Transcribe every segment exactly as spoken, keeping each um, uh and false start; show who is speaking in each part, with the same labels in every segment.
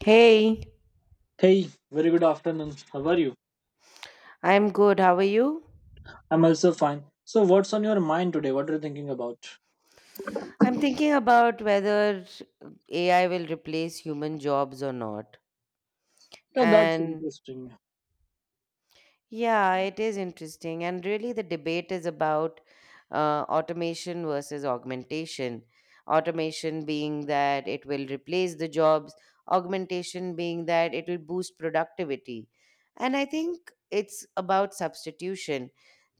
Speaker 1: Hey,
Speaker 2: Hey, very good afternoon. How are you?
Speaker 1: I'm good. How are you?
Speaker 2: I'm also fine. So, what's on your mind today? What are you thinking about?
Speaker 1: I'm thinking about whether A I will replace human jobs or not.
Speaker 2: Yeah, that's
Speaker 1: And
Speaker 2: interesting.
Speaker 1: Yeah, it is interesting. And really, the debate is about uh, automation versus augmentation. Automation being that it will replace the jobs, augmentation being that it will boost productivity. And I think it's about substitution.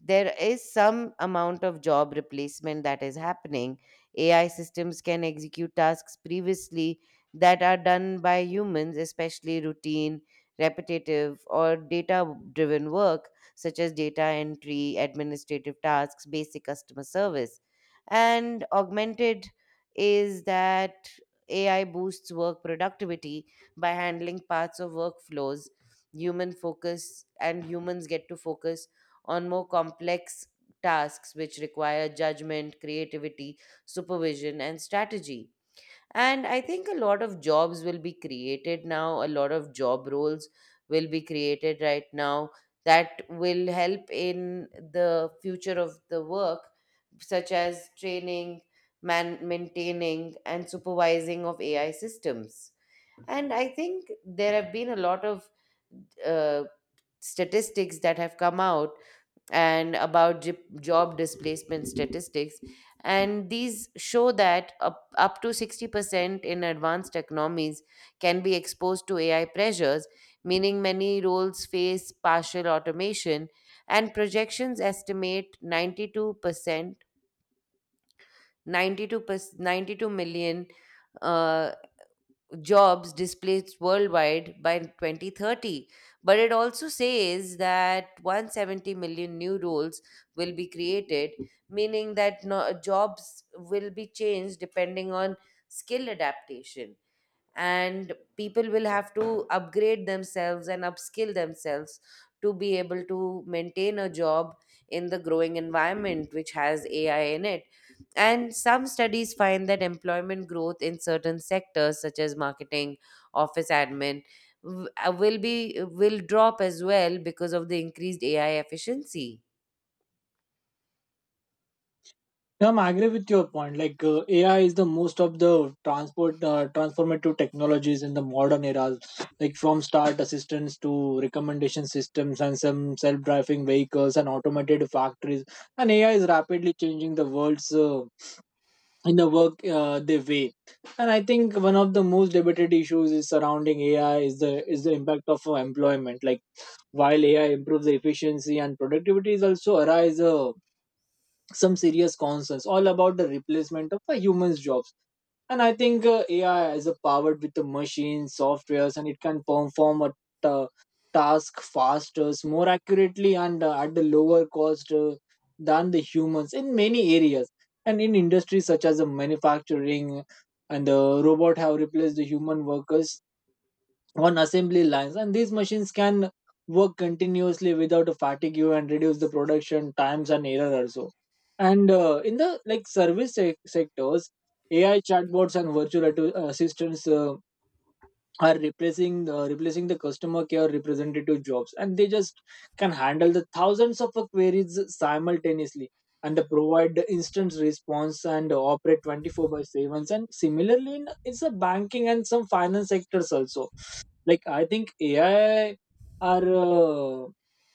Speaker 1: There is some amount of job replacement that is happening. A I systems can execute tasks previously that are done by humans, especially routine repetitive, or data driven work, such as data entry, administrative tasks, basic customer service. And augmented is that A I boosts work productivity by handling parts of workflows, human focus, and humans get to focus on more complex tasks which require judgment, creativity, supervision, and strategy. And I think a lot of jobs will be created now, a lot of job roles will be created right now that will help in the future of the work, such as training, man- maintaining, and supervising of A I systems. And I think there have been a lot of uh, statistics that have come out and about j- job displacement statistics. And these show that up, up to sixty percent in advanced economies can be exposed to A I pressures, meaning many roles face partial automation. And projections estimate ninety-two percent, ninety-two, ninety-two million uh, jobs displaced worldwide by twenty thirty. But it also says that one hundred seventy million new roles will be created, meaning that no, jobs will be changed depending on skill adaptation. And people will have to upgrade themselves and upskill themselves to be able to maintain a job in the growing environment which has A I in it. And some studies find that employment growth in certain sectors, such as marketing, office admin, w- uh, will be will drop as well because of the increased A I efficiency.
Speaker 2: Yeah, I agree with your point. Like uh, A I is the most of the transport uh, transformative technologies in the modern era, like from start assistance to recommendation systems and some self-driving vehicles and automated factories. And A I is rapidly changing the world's uh, in the work uh, they weigh. And I think one of the most debated issues is surrounding A I is the is the impact of uh, employment. Like while A I improves the efficiency and productivity, is also arise a some serious concerns all about the replacement of a human's jobs. And I think uh, AI is a powered with the machines softwares, and it can perform a ta- task faster, more accurately, and uh, at the lower cost, uh, than the humans in many areas and in industries such as the manufacturing, and the robot have replaced the human workers on assembly lines, and these machines can work continuously without a fatigue you and reduce the production times and error also. And uh, in the like service sec- sectors, AI chatbots and virtual atto- assistants uh, are replacing uh, replacing the customer care representative jobs, and they just can handle the thousands of queries simultaneously, and they provide the instant response and operate twenty-four by seven. And similarly in, it's a banking and some finance sectors also, like I think ai are uh,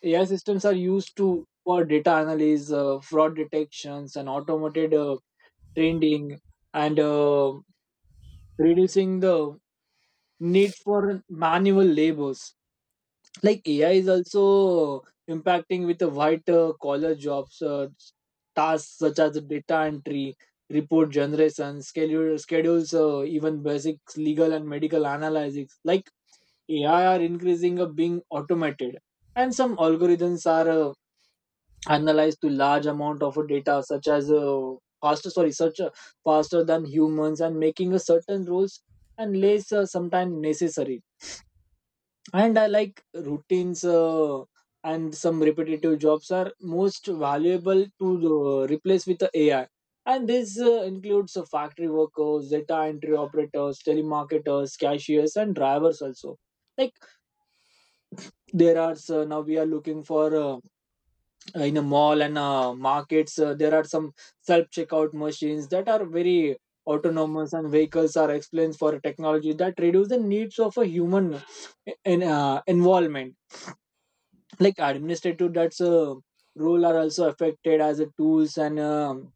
Speaker 2: AI systems are used to for data analysis, uh, fraud detections, and automated uh, trending, and uh, reducing the need for manual labors. Like AI is also impacting with the white uh, collar jobs, uh, tasks such as data entry, report generation, schedule schedules, uh, even basic legal and medical analysis. Like A I are increasing of being automated, and some algorithms are uh, analyzed to large amount of data, such as uh, faster sorry, such uh, faster than humans, and making a certain rules and less uh, sometimes necessary. And I like routines. Uh, and some repetitive jobs are most valuable to uh, replace with the A I. And this uh, includes uh, factory workers, data entry operators, telemarketers, cashiers, and drivers also. Like there are so now we are looking for uh, in a mall and uh, markets, uh, there are some self checkout machines that are very autonomous, and vehicles are explained for technology that reduce the needs of a human eh, in, uh, involvement. Like administrative that's a role are also affected as a tools and um,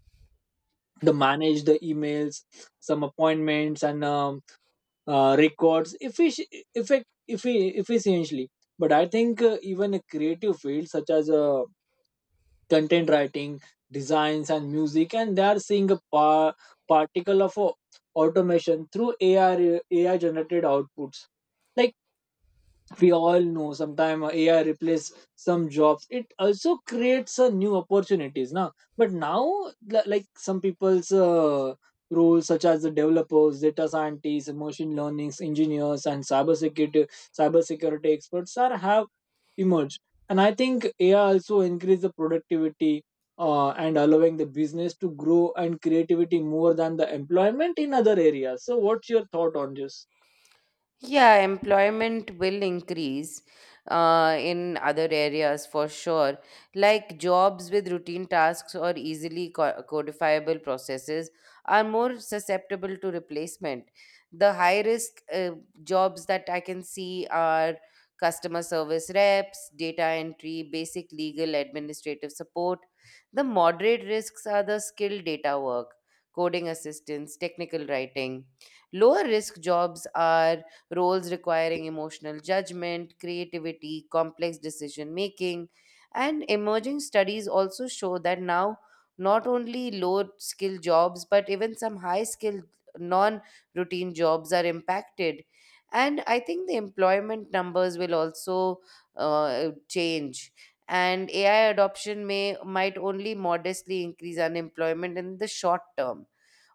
Speaker 2: the manage the emails, some appointments, and um, uh, records effic- effect effi- efficiently. But I think uh, even a creative field such as a content writing, designs, and music, and they are seeing a par- particle of uh, automation through A I A I generated outputs. Like we all know sometimes AI replace some jobs, it also creates a new opportunities now. But now, li- like some people's uh, roles such as the developers, data scientists, machine learning engineers, and cyber security cyber security experts are have emerged. And I think AI also increase the productivity uh, and allowing the business to grow and creativity more than the employment in other areas. So what's your thought on this?
Speaker 1: Yeah, employment will increase uh, in other areas for sure. Like jobs with routine tasks or easily co- codifiable processes are more susceptible to replacement. The high risk uh, jobs that I can see are customer service reps, data entry, basic legal administrative support. The moderate risks are the skilled data work, coding assistance, technical writing. Lower risk jobs are roles requiring emotional judgment, creativity, complex decision making. And emerging studies also show that now not only low skill jobs, but even some high skilled non routine jobs are impacted. And I think the employment numbers will also uh, change. And A I adoption may might only modestly increase unemployment in the short term,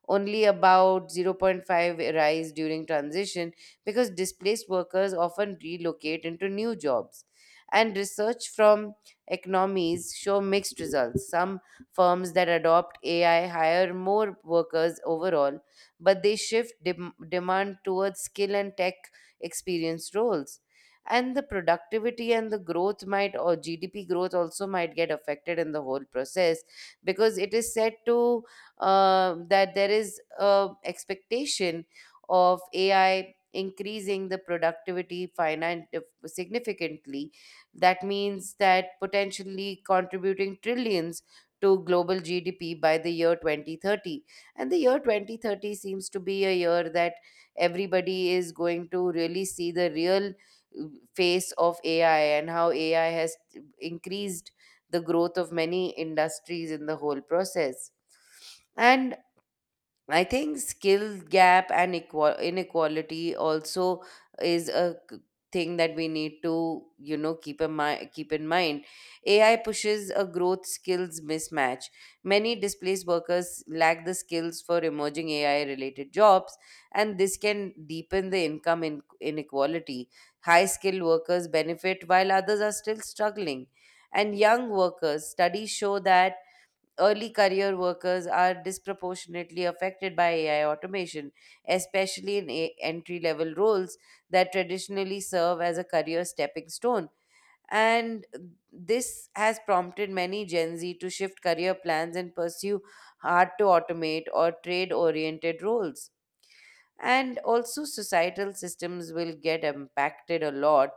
Speaker 1: only about zero point zero point five rise during transition because displaced workers often relocate into new jobs. And research from economies show mixed results. Some firms that adopt A I hire more workers overall, but they shift dem- demand towards skill and tech experienced roles. And the productivity and the growth might, or G D P growth also might get affected in the whole process because it is set to uh, that there is a expectation of A I increasing the productivity finan- significantly. That means that potentially contributing trillions to global G D P by the year twenty thirty. And the year twenty thirty seems to be a year that everybody is going to really see the real uh, face of A I and how A I has increased the growth of many industries in the whole process. And I think skill gap and equal inequality also is a c- thing that we need to you know keep in mind keep in mind AI pushes a growth skills mismatch. Many displaced workers lack the skills for emerging AI related jobs, and this can deepen the income in- inequality. High skilled workers benefit while others are still struggling. And young workers studies show that early career workers are disproportionately affected by A I automation, especially in a- entry level roles that traditionally serve as a career stepping stone. And this has prompted many Gen Z to shift career plans and pursue hard to automate or trade oriented roles. And also, societal systems will get impacted a lot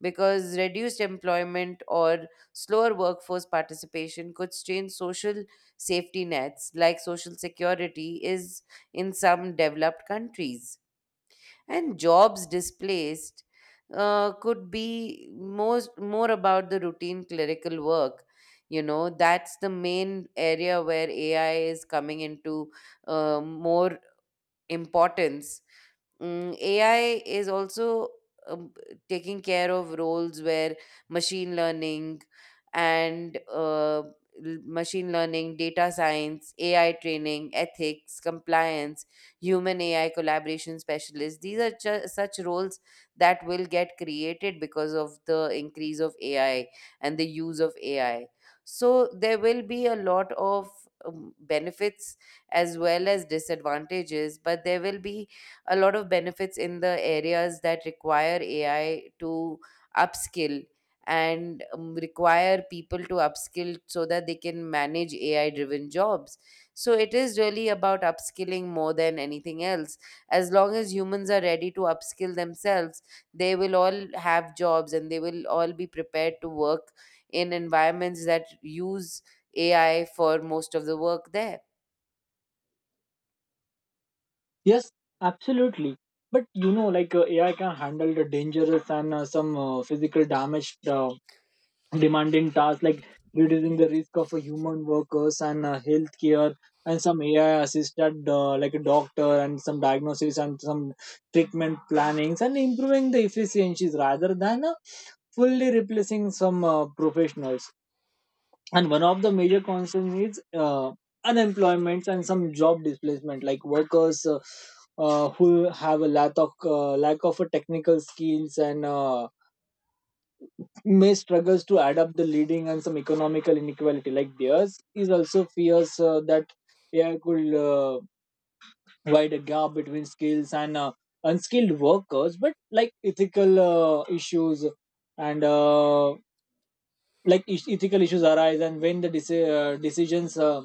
Speaker 1: because reduced employment or slower workforce participation could strain social safety nets like social security is in some developed countries. And jobs displaced uh, could be most more about the routine clerical work. You know, that's the main area where AI is coming into uh, more importance. Mm, A I is also um, taking care of roles where machine learning and uh, l- machine learning, data science, A I training, ethics, compliance, human A I collaboration specialists. These are ju- such roles that will get created because of the increase of A I and the use of A I. So there will be a lot of um, benefits as well as disadvantages, but there will be a lot of benefits in the areas that require A I to upskill, and um, require people to upskill so that they can manage A I driven jobs. So it is really about upskilling more than anything else. As long as humans are ready to upskill themselves, they will all have jobs and they will all be prepared to work in environments that use A I for most of the work there.
Speaker 2: Yes, absolutely. But you know, like uh, A I can handle the dangerous and uh, some uh, physical damage uh, demanding tasks, like reducing the risk of uh, human workers and uh, healthcare, and some A I assisted, uh, like a doctor, and some diagnosis and some treatment plannings, and improving the efficiencies rather than uh, fully replacing some uh, professionals. And one of the major concerns is uh, unemployment and some job displacement, like workers uh, uh, who have a lack of uh, lack of a technical skills, and uh, may struggles to add up the leading and some economical inequality. Like theirs is also fears uh, that A I could uh, wide a gap between skills and uh, unskilled workers. But like ethical uh, issues and uh, like is- ethical issues arise, and when the deci- uh, decisions uh,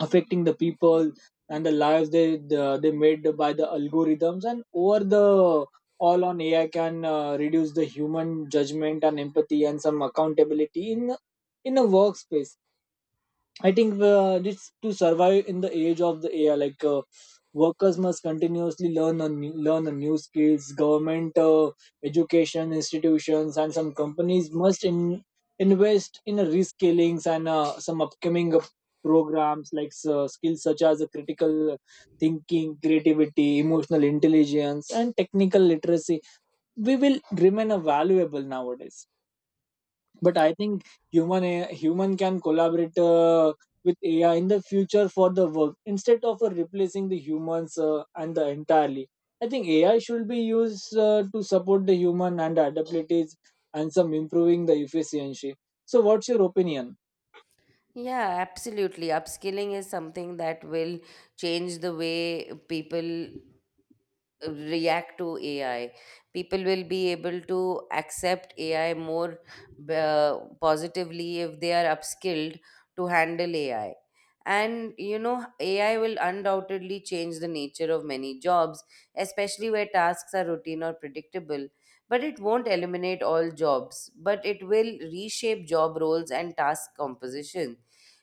Speaker 2: affecting the people and the lives they the, they made by the algorithms, and over the all on AI can uh, reduce the human judgment and empathy and some accountability in in a workspace. I think uh, this to survive in the age of the A I, like uh, workers must continuously learn a new, learn a new skills. Government, uh, education institutions, and some companies must in, invest in a reskillings and uh, some upcoming uh, programs, like uh, skills such as uh, critical thinking, creativity, emotional intelligence, and technical literacy. We will remain a valuable nowadays. But I think human a- human can collaborate uh, with AI in the future for the work instead of uh, replacing the humans uh, and the entirely. I think AI should be used uh, to support the human and adaptabilities and some improving the efficiency. So what's your opinion?
Speaker 1: Yeah, absolutely. Upskilling is something that will change the way people react to A I. People will be able to accept A I more uh, positively if they are upskilled to handle A I. And you know, A I will undoubtedly change the nature of many jobs, especially where tasks are routine or predictable. But it won't eliminate all jobs, but it will reshape job roles and task composition.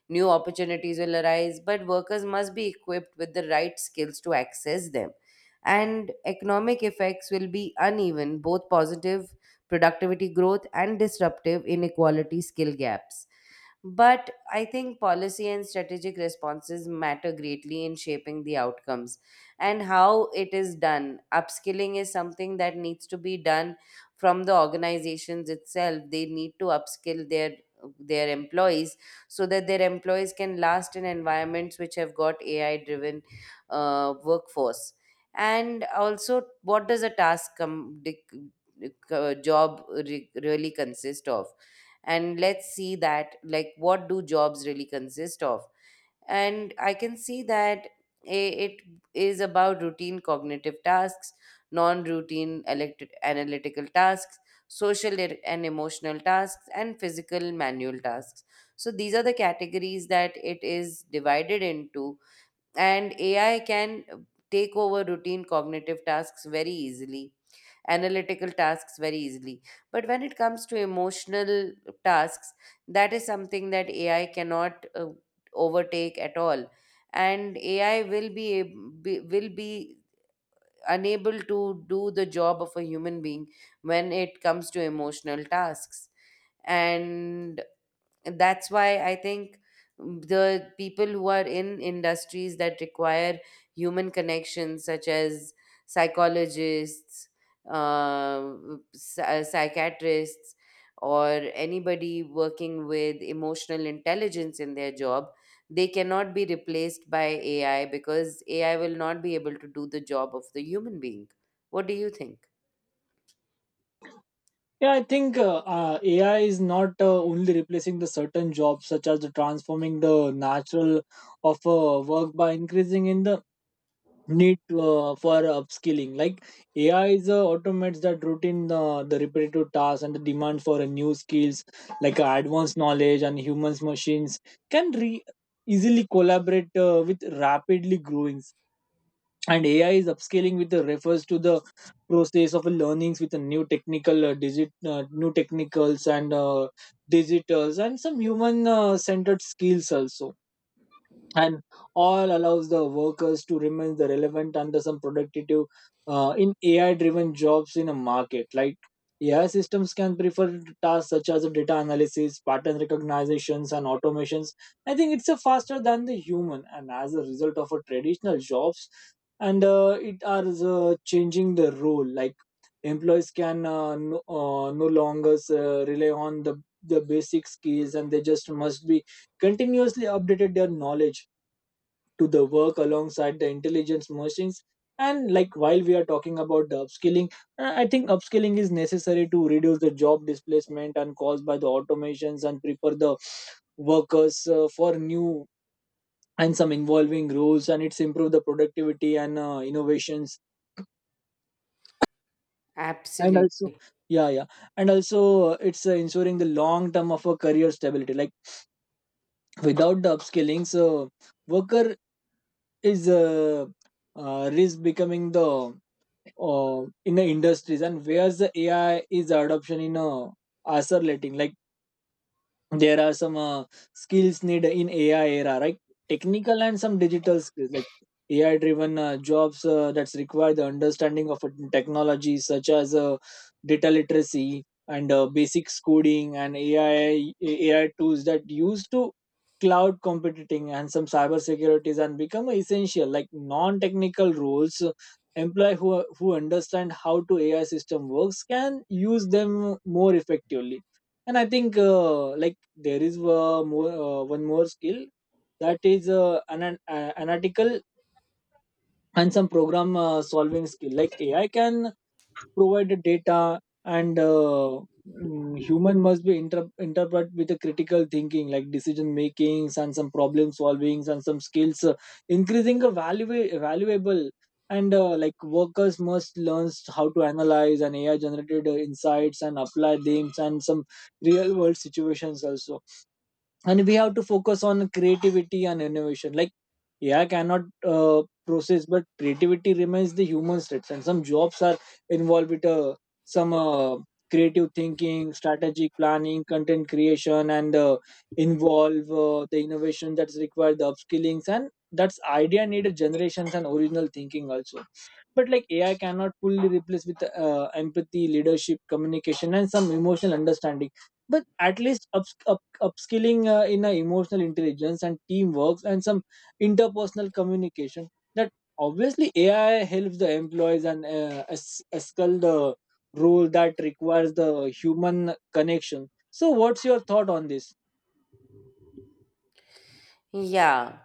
Speaker 1: New opportunities will arise, but workers must be equipped with the right skills to access them, and economic effects will be uneven, both positive productivity growth and disruptive inequality skill gaps. But I think policy and strategic responses matter greatly in shaping the outcomes and how it is done. Upskilling is something that needs to be done from the organizations itself. They need to upskill their their employees so that their employees can last in environments which have got A I driven uh, workforce. And also, what does a task come, dic- dic- uh, job re- really consist of? And let's see that, like, what do jobs really consist of. And I can see that i- it is about routine cognitive tasks, non-routine elect- analytical tasks, social e- and emotional tasks, and physical manual tasks. So these are the categories that it is divided into. And AI can take over routine cognitive tasks very easily, analytical tasks very easily. But when it comes to emotional tasks, that is something that A I cannot uh, overtake at all. And A I will be, ab- be will be unable to do the job of a human being when it comes to emotional tasks. And that's why I think the people who are in industries that require human connections such as psychologists, uh, psy- psychiatrists, or anybody working with emotional intelligence in their job, they cannot be replaced by AI because AI will not be able to do the job of the human being. What do you think?
Speaker 2: Yeah, I think uh, uh, AI is not uh, only replacing the certain jobs such as the transforming the natural of uh, work by increasing in the need uh, for upskilling. Like AI is uh, automates that routine uh, the repetitive tasks and the demand for a new skills, like uh, advanced knowledge and humans machines can re- easily collaborate uh, with rapidly growing. And AI is upscaling with the refers to the process of learnings with a new technical uh, digit uh, new technicals and uh, digitals and some human uh, centered skills also. And all allows the workers to remain the relevant under some productive uh, in A I driven jobs in a market. Like A I systems can prefer tasks such as data analysis, pattern recognitions, and automations. I think it's a faster than the human, and as a result of a traditional jobs, and uh, it are uh, changing the role. Like employees can uh, no, uh, no longer uh, rely on the the basic skills, and they just must be continuously updated their knowledge to the work alongside the intelligence machines. And like while we are talking about the upskilling, uh, I think upskilling is necessary to reduce the job displacement and caused by the automations and prepare the workers uh, for new and some involving roles, and it's improve the productivity and uh, innovations. And
Speaker 1: Absolutely.
Speaker 2: also, yeah, yeah, and also, uh, it's uh, ensuring the long term of a career stability, like without the upskilling so worker is uh, uh, risk becoming the uh, in the industries, and where's the AI is adoption in uh, accelerating. Like there are some uh, skills needed in A I era, right? Technical and some digital skills like A I driven uh, jobs uh, that's require the understanding of a technology such as uh, data literacy and uh, basic coding and A I A I tools that used to cloud computing and some cyber securities and become essential, like non-technical roles, uh, employee who, who understand how to AI system works can use them more effectively. And I think uh, like there is uh, more uh, one more skill, that is uh, an, an analytical and some program uh, solving skill. Like AI can provided data and uh, mm, human must be inter- interpret with a critical thinking, like decision makings and some problem solvings and some skills uh, increasing a value valuable. And uh, like workers must learn how to analyze and AI generated uh, insights and apply them and some real world situations also. And we have to focus on creativity and innovation, like AI cannot uh, process, but creativity remains the human states, and some jobs are involved with uh, some uh, creative thinking, strategic planning, content creation, and uh, involve uh, the innovation that's required the upskillings, and that's idea needed generations and original thinking also. But like AI cannot fully replace with uh, empathy, leadership, communication, and some emotional understanding. But at least up, upskilling uh, in uh, emotional intelligence and teamwork and some interpersonal communication, that obviously AI helps the employees and uh, es- escal the role that requires the human connection. So what's your thought on this?
Speaker 1: Yeah.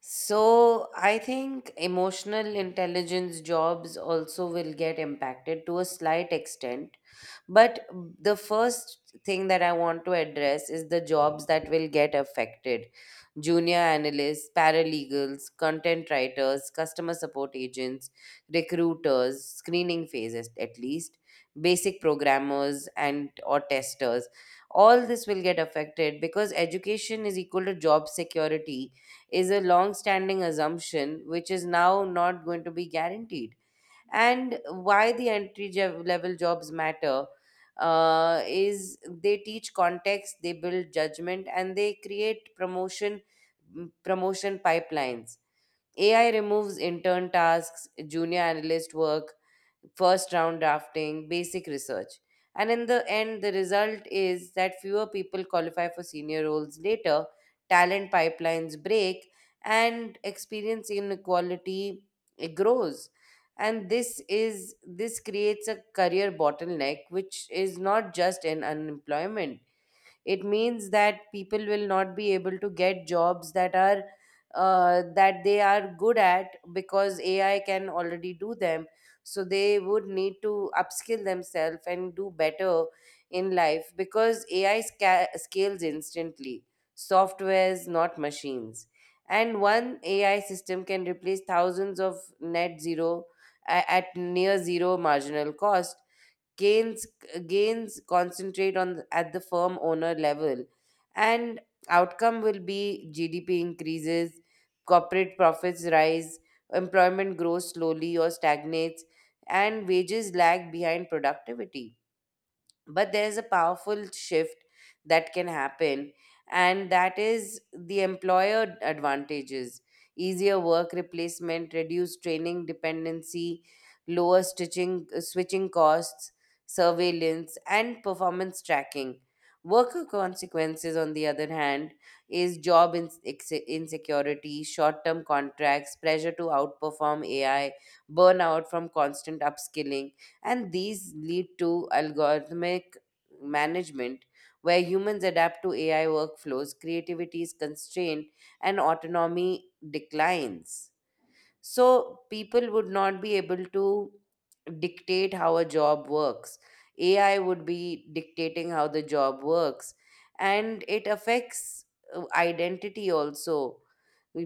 Speaker 1: So I think emotional intelligence jobs also will get impacted to a slight extent, but the first thing that I want to address is the jobs that will get affected: junior analysts, paralegals, content writers, customer support agents, recruiters, screening phases at least, basic programmers and or testers. All this will get affected because education is equal to job security is a long standing assumption which is now not going to be guaranteed. And why the entry je- level jobs matter, uh, is they teach context, they build judgment, and they create promotion mm, promotion pipelines. AI removes intern tasks, junior analyst work, first round drafting, basic research. And in the end, the result is that fewer people qualify for senior roles later, talent pipelines break, and experience inequality it grows. And this is this creates a career bottleneck, which is not just in unemployment. It means that people will not be able to get jobs that are uh, that they are good at because A I can already do them. So they would need to upskill themselves and do better in life because A I sca- scales instantly. Softwares, not machines. And one A I system can replace thousands of net zero a- at near zero marginal cost. Gains gains concentrate on at the firm owner level, and outcome will be GDP increases, corporate profits rise, employment grows slowly or stagnates, and wages lag behind productivity. But there is a powerful shift that can happen, and that is the employer advantages: easier work replacement, reduced training dependency, lower stitching uh, switching costs, surveillance and performance tracking. Worker consequences, on the other hand, is job ins- ex- insecurity, short term contracts, pressure to outperform AI, burnout from constant upskilling. And these lead to algorithmic management, where humans adapt to A I workflows, creativity is constrained, and autonomy declines. So, people would not be able to dictate how a job works. A I would be dictating how the job works. And it affects uh, identity also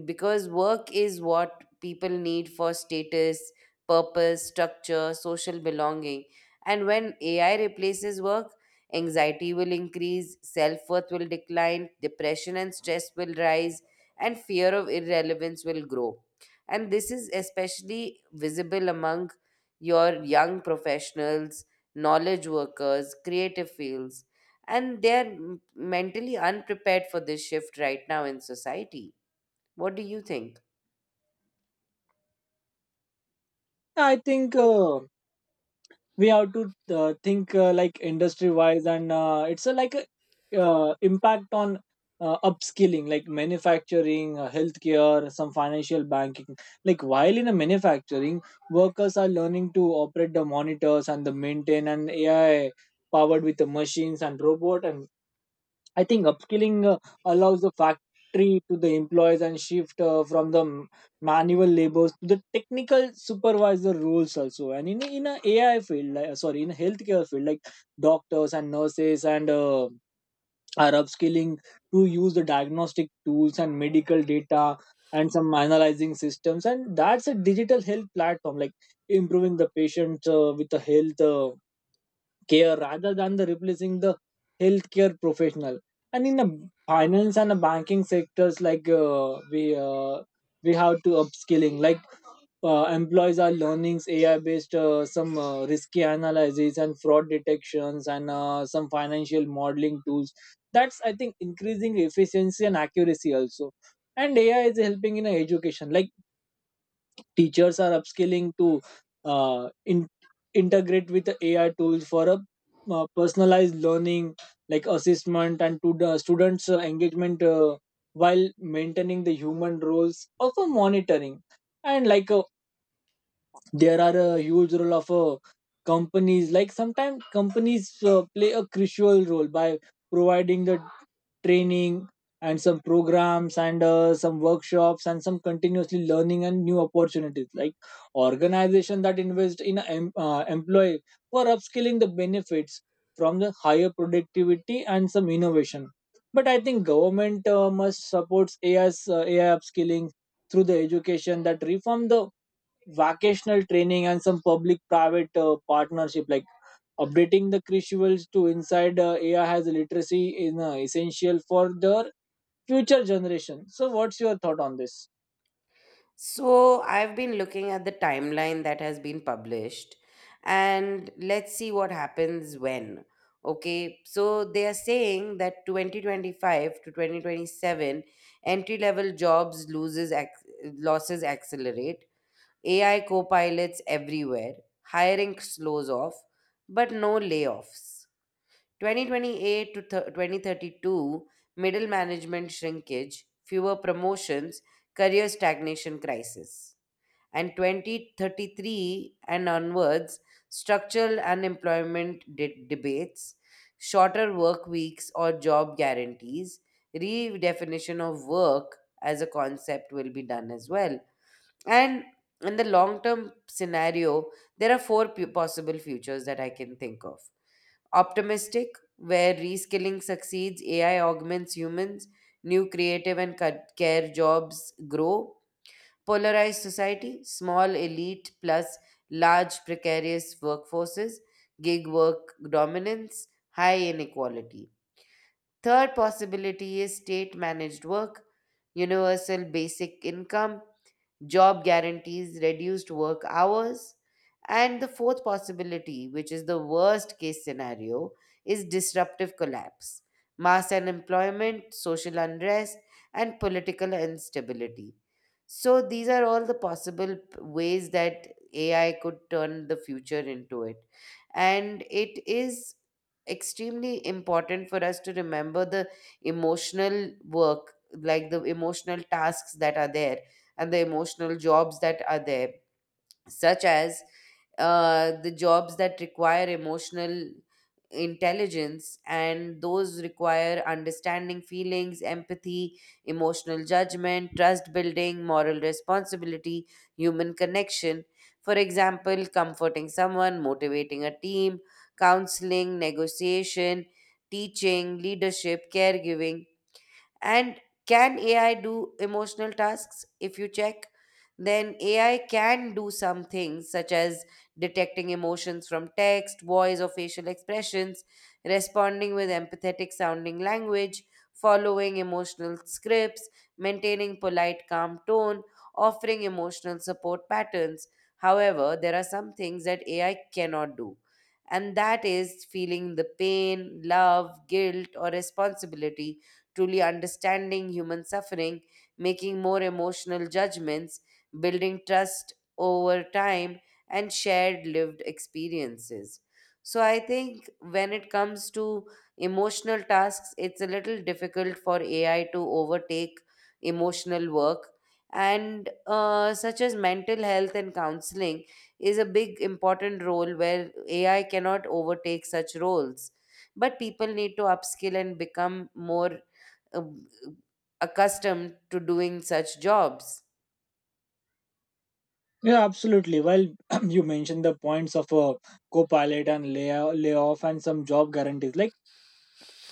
Speaker 1: because work is what people need for status, purpose, structure, social belonging. And when A I replaces work, anxiety will increase, self worth will decline, depression and stress will rise, and fear of irrelevance will grow. And this is especially visible among your young professionals, knowledge workers, creative fields, and they're m- mentally unprepared for this shift right now in society. What do you think?
Speaker 2: I think uh, we have to uh, think uh, like industry wise, and uh, it's a, like a uh, impact on uh, upskilling, like manufacturing, uh, healthcare, some financial banking. Like while in a manufacturing, workers are learning to operate the monitors and the maintain and AI powered with the machines and robot. And I think upskilling uh, allows the factory to the employees and shift uh, from the m- manual labors to the technical supervisor roles also. And in in a AI field, like, uh, sorry, in a healthcare field, like doctors and nurses and uh, are upskilling to use the diagnostic tools and medical data and some analyzing systems, and that's a digital health platform, like improving the patient uh, with the health uh, care rather than the replacing the healthcare professional. And in the finance and the banking sectors, like uh, we uh, we have to upskilling. Like uh, employees are learning A I based uh, some uh, risky analysis and fraud detections and uh, some financial modeling tools. That's, I think, increasing efficiency and accuracy also. And A I is helping in education. Like teachers are upskilling to uh, in, integrate with the ai tools for a uh, personalized learning like assessment and to the students uh, engagement, uh, while maintaining the human roles of a monitoring and like uh, there are a huge role of uh, companies. Like sometimes companies uh, play a crucial role by providing the training and some programs and uh, some workshops and some continuously learning and new opportunities. Like organization that invest in a em- uh, employee for upskilling the benefits from the higher productivity and some innovation. But I think government uh, must supports ai's uh, ai upskilling through the education that reform the vocational training and some public private uh, partnership, like updating the crucibles to inside uh, ai has literacy is uh, essential for their future generation. So what's your thought on this?
Speaker 1: So, I've been looking at the timeline that has been published, and let's see what happens when. Okay, so they are saying that twenty twenty-five to twenty twenty-seven entry level jobs loses ac- losses accelerate, A I co-pilots everywhere, hiring slows off, but no layoffs. twenty twenty-eight to th- twenty thirty-two, middle management shrinkage, fewer promotions, career stagnation crisis. And twenty thirty-three and onwards, structural unemployment de- debates, shorter work weeks or job guarantees, redefinition of work as a concept will be done as well, and in the long term scenario, there are four p- possible futures that I can think of: optimistic, where reskilling succeeds, A I augments humans, new creative and ca- care jobs grow; polarized society, small elite plus large precarious workforces, gig work dominance, high inequality. Third possibility is state managed work, universal basic income, job guarantees, reduced work hours. And the fourth possibility, which is the worst case scenario, is disruptive collapse, mass unemployment, social unrest, and political instability. So, these are all the possible p- ways that A I could turn the future into it. And it is extremely important for us to remember the emotional work, like the emotional tasks that are there and the emotional jobs that are there, such as uh, the jobs that require emotional intelligence, and those require understanding feelings, empathy, emotional judgment, trust building, moral responsibility, human connection. For example, comforting someone, motivating a team, counseling, negotiation, teaching, leadership, caregiving. And can A I do emotional tasks? If you check, then A I can do some things such as detecting emotions from text, voice, or facial expressions, responding with empathetic sounding language, following emotional scripts, maintaining polite, calm tone, offering emotional support patterns. However, there are some things that A I cannot do, and that is feeling the pain, love, guilt, or responsibility, truly understanding human suffering, making more emotional judgments, building trust over time, and shared lived experiences. So, I think when it comes to emotional tasks, it's a little difficult for A I to overtake emotional work. And uh, such as mental health and counseling is a big important role where A I cannot overtake such roles. But people need to upskill and become more uh, accustomed to doing such jobs.
Speaker 2: Yeah, absolutely. Well, you mentioned the points of a co-pilot and lay- layoff and some job guarantees. Like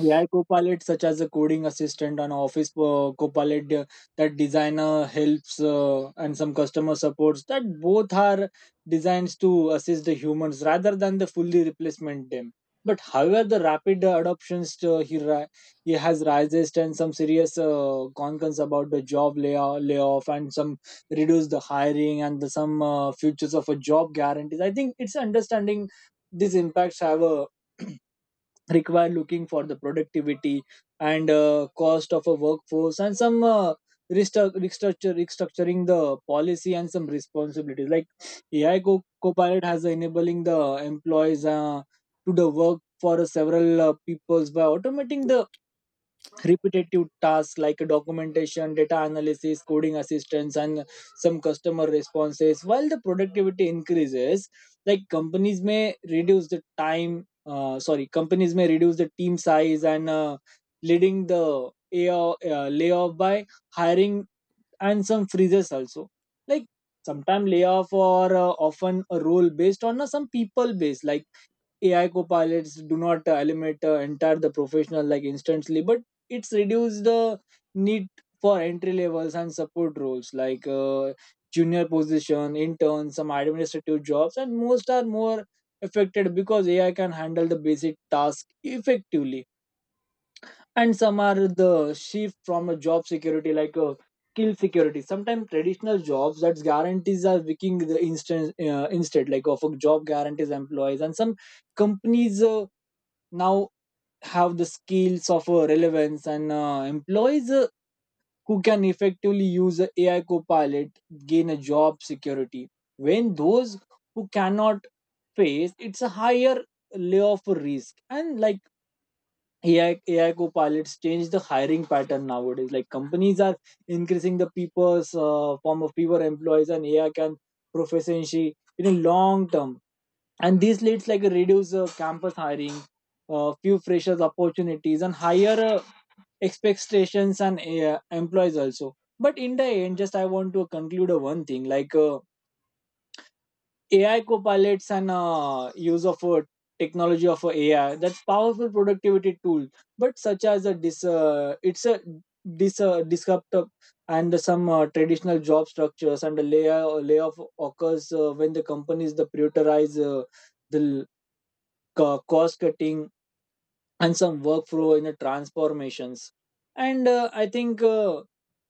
Speaker 2: A I Copilot, such as a coding assistant and Office uh, Copilot, uh, that designer helps uh, and some customer supports, that both are designs to assist the humans rather than the fully replacement them. But however, the rapid uh, adoptions uh, he ri- he has rises and some serious uh, concerns about the job layoff, layoff and some reduce the hiring and the, some uh, futures of a job guarantees. I think it's understanding these impacts have a require looking for the productivity and uh, cost of a workforce and some uh, restruct- restructure, restructuring the policy and some responsibilities. Like ai co- copilot has enabling the employees uh, to the work for several uh, peoples by automating the repetitive tasks like documentation, data analysis, coding assistance, and some customer responses. While the productivity increases, like companies may reduce the time, uh, sorry, companies may reduce the team size and uh, leading the A O, uh, layoff by hiring and some freezes also. Like sometimes layoff or uh, often a role based on uh, some people based. Like A I copilots do not uh, eliminate uh, entire the professional like instantly, but it's reduced the need for entry levels and support roles like uh, junior position, intern, some administrative jobs, and most are more affected because A I can handle the basic task effectively. And some are the shift from a job security like a skill security. Sometimes traditional jobs that's guarantees are weakening the instant uh, instead, like of a job guarantees employees and some companies uh, now have the skills of uh, relevance and uh, employees uh, who can effectively use uh, a AI copilot gain a job security when those who cannot face, it's a higher layoff risk. And like AI, A I copilots change the hiring pattern nowadays. Like companies are increasing the people's uh, form of fewer employees, and A I can proficiency in a long term, and these leads like reduce uh, campus hiring, uh, few freshers opportunities and higher uh, expectations and uh, employees also. But in the end, just I want to conclude uh, one thing, like uh, ai copilots and uh, use of uh, technology of uh, ai, that's powerful productivity tool, but such as a dis uh, it's a dis uh, disruptor and some uh, traditional job structures and the layoff layoff occurs uh, when the companies the prioritize uh, the co- cost cutting and some workflow in the transformations. And uh, I think uh,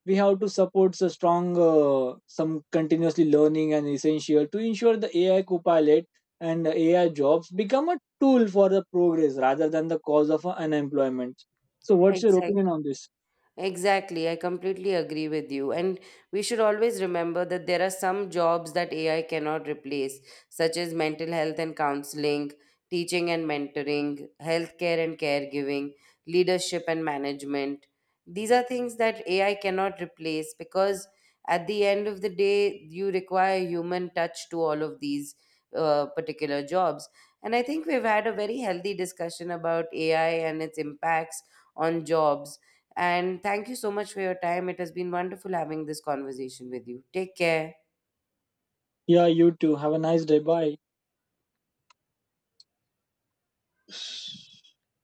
Speaker 2: we have to support the strong uh, some continuously learning and essential to ensure the ai copilot and ai jobs become a tool for the progress rather than the cause of uh, unemployment. So what's your opinion
Speaker 1: Exactly.
Speaker 2: on this?
Speaker 1: Exactly, I completely agree with you. And we should always remember that there are some jobs that A I cannot replace, such as mental health and counseling, teaching and mentoring, healthcare and caregiving, leadership and management. These are things that A I cannot replace because at the end of the day, you require human touch to all of these uh, particular jobs. And I think we've had a very healthy discussion about A I and its impacts on jobs, and thank you so much for your time. It has been wonderful having this conversation with you. Take care.
Speaker 2: Yeah, you too. Have a nice day. Bye.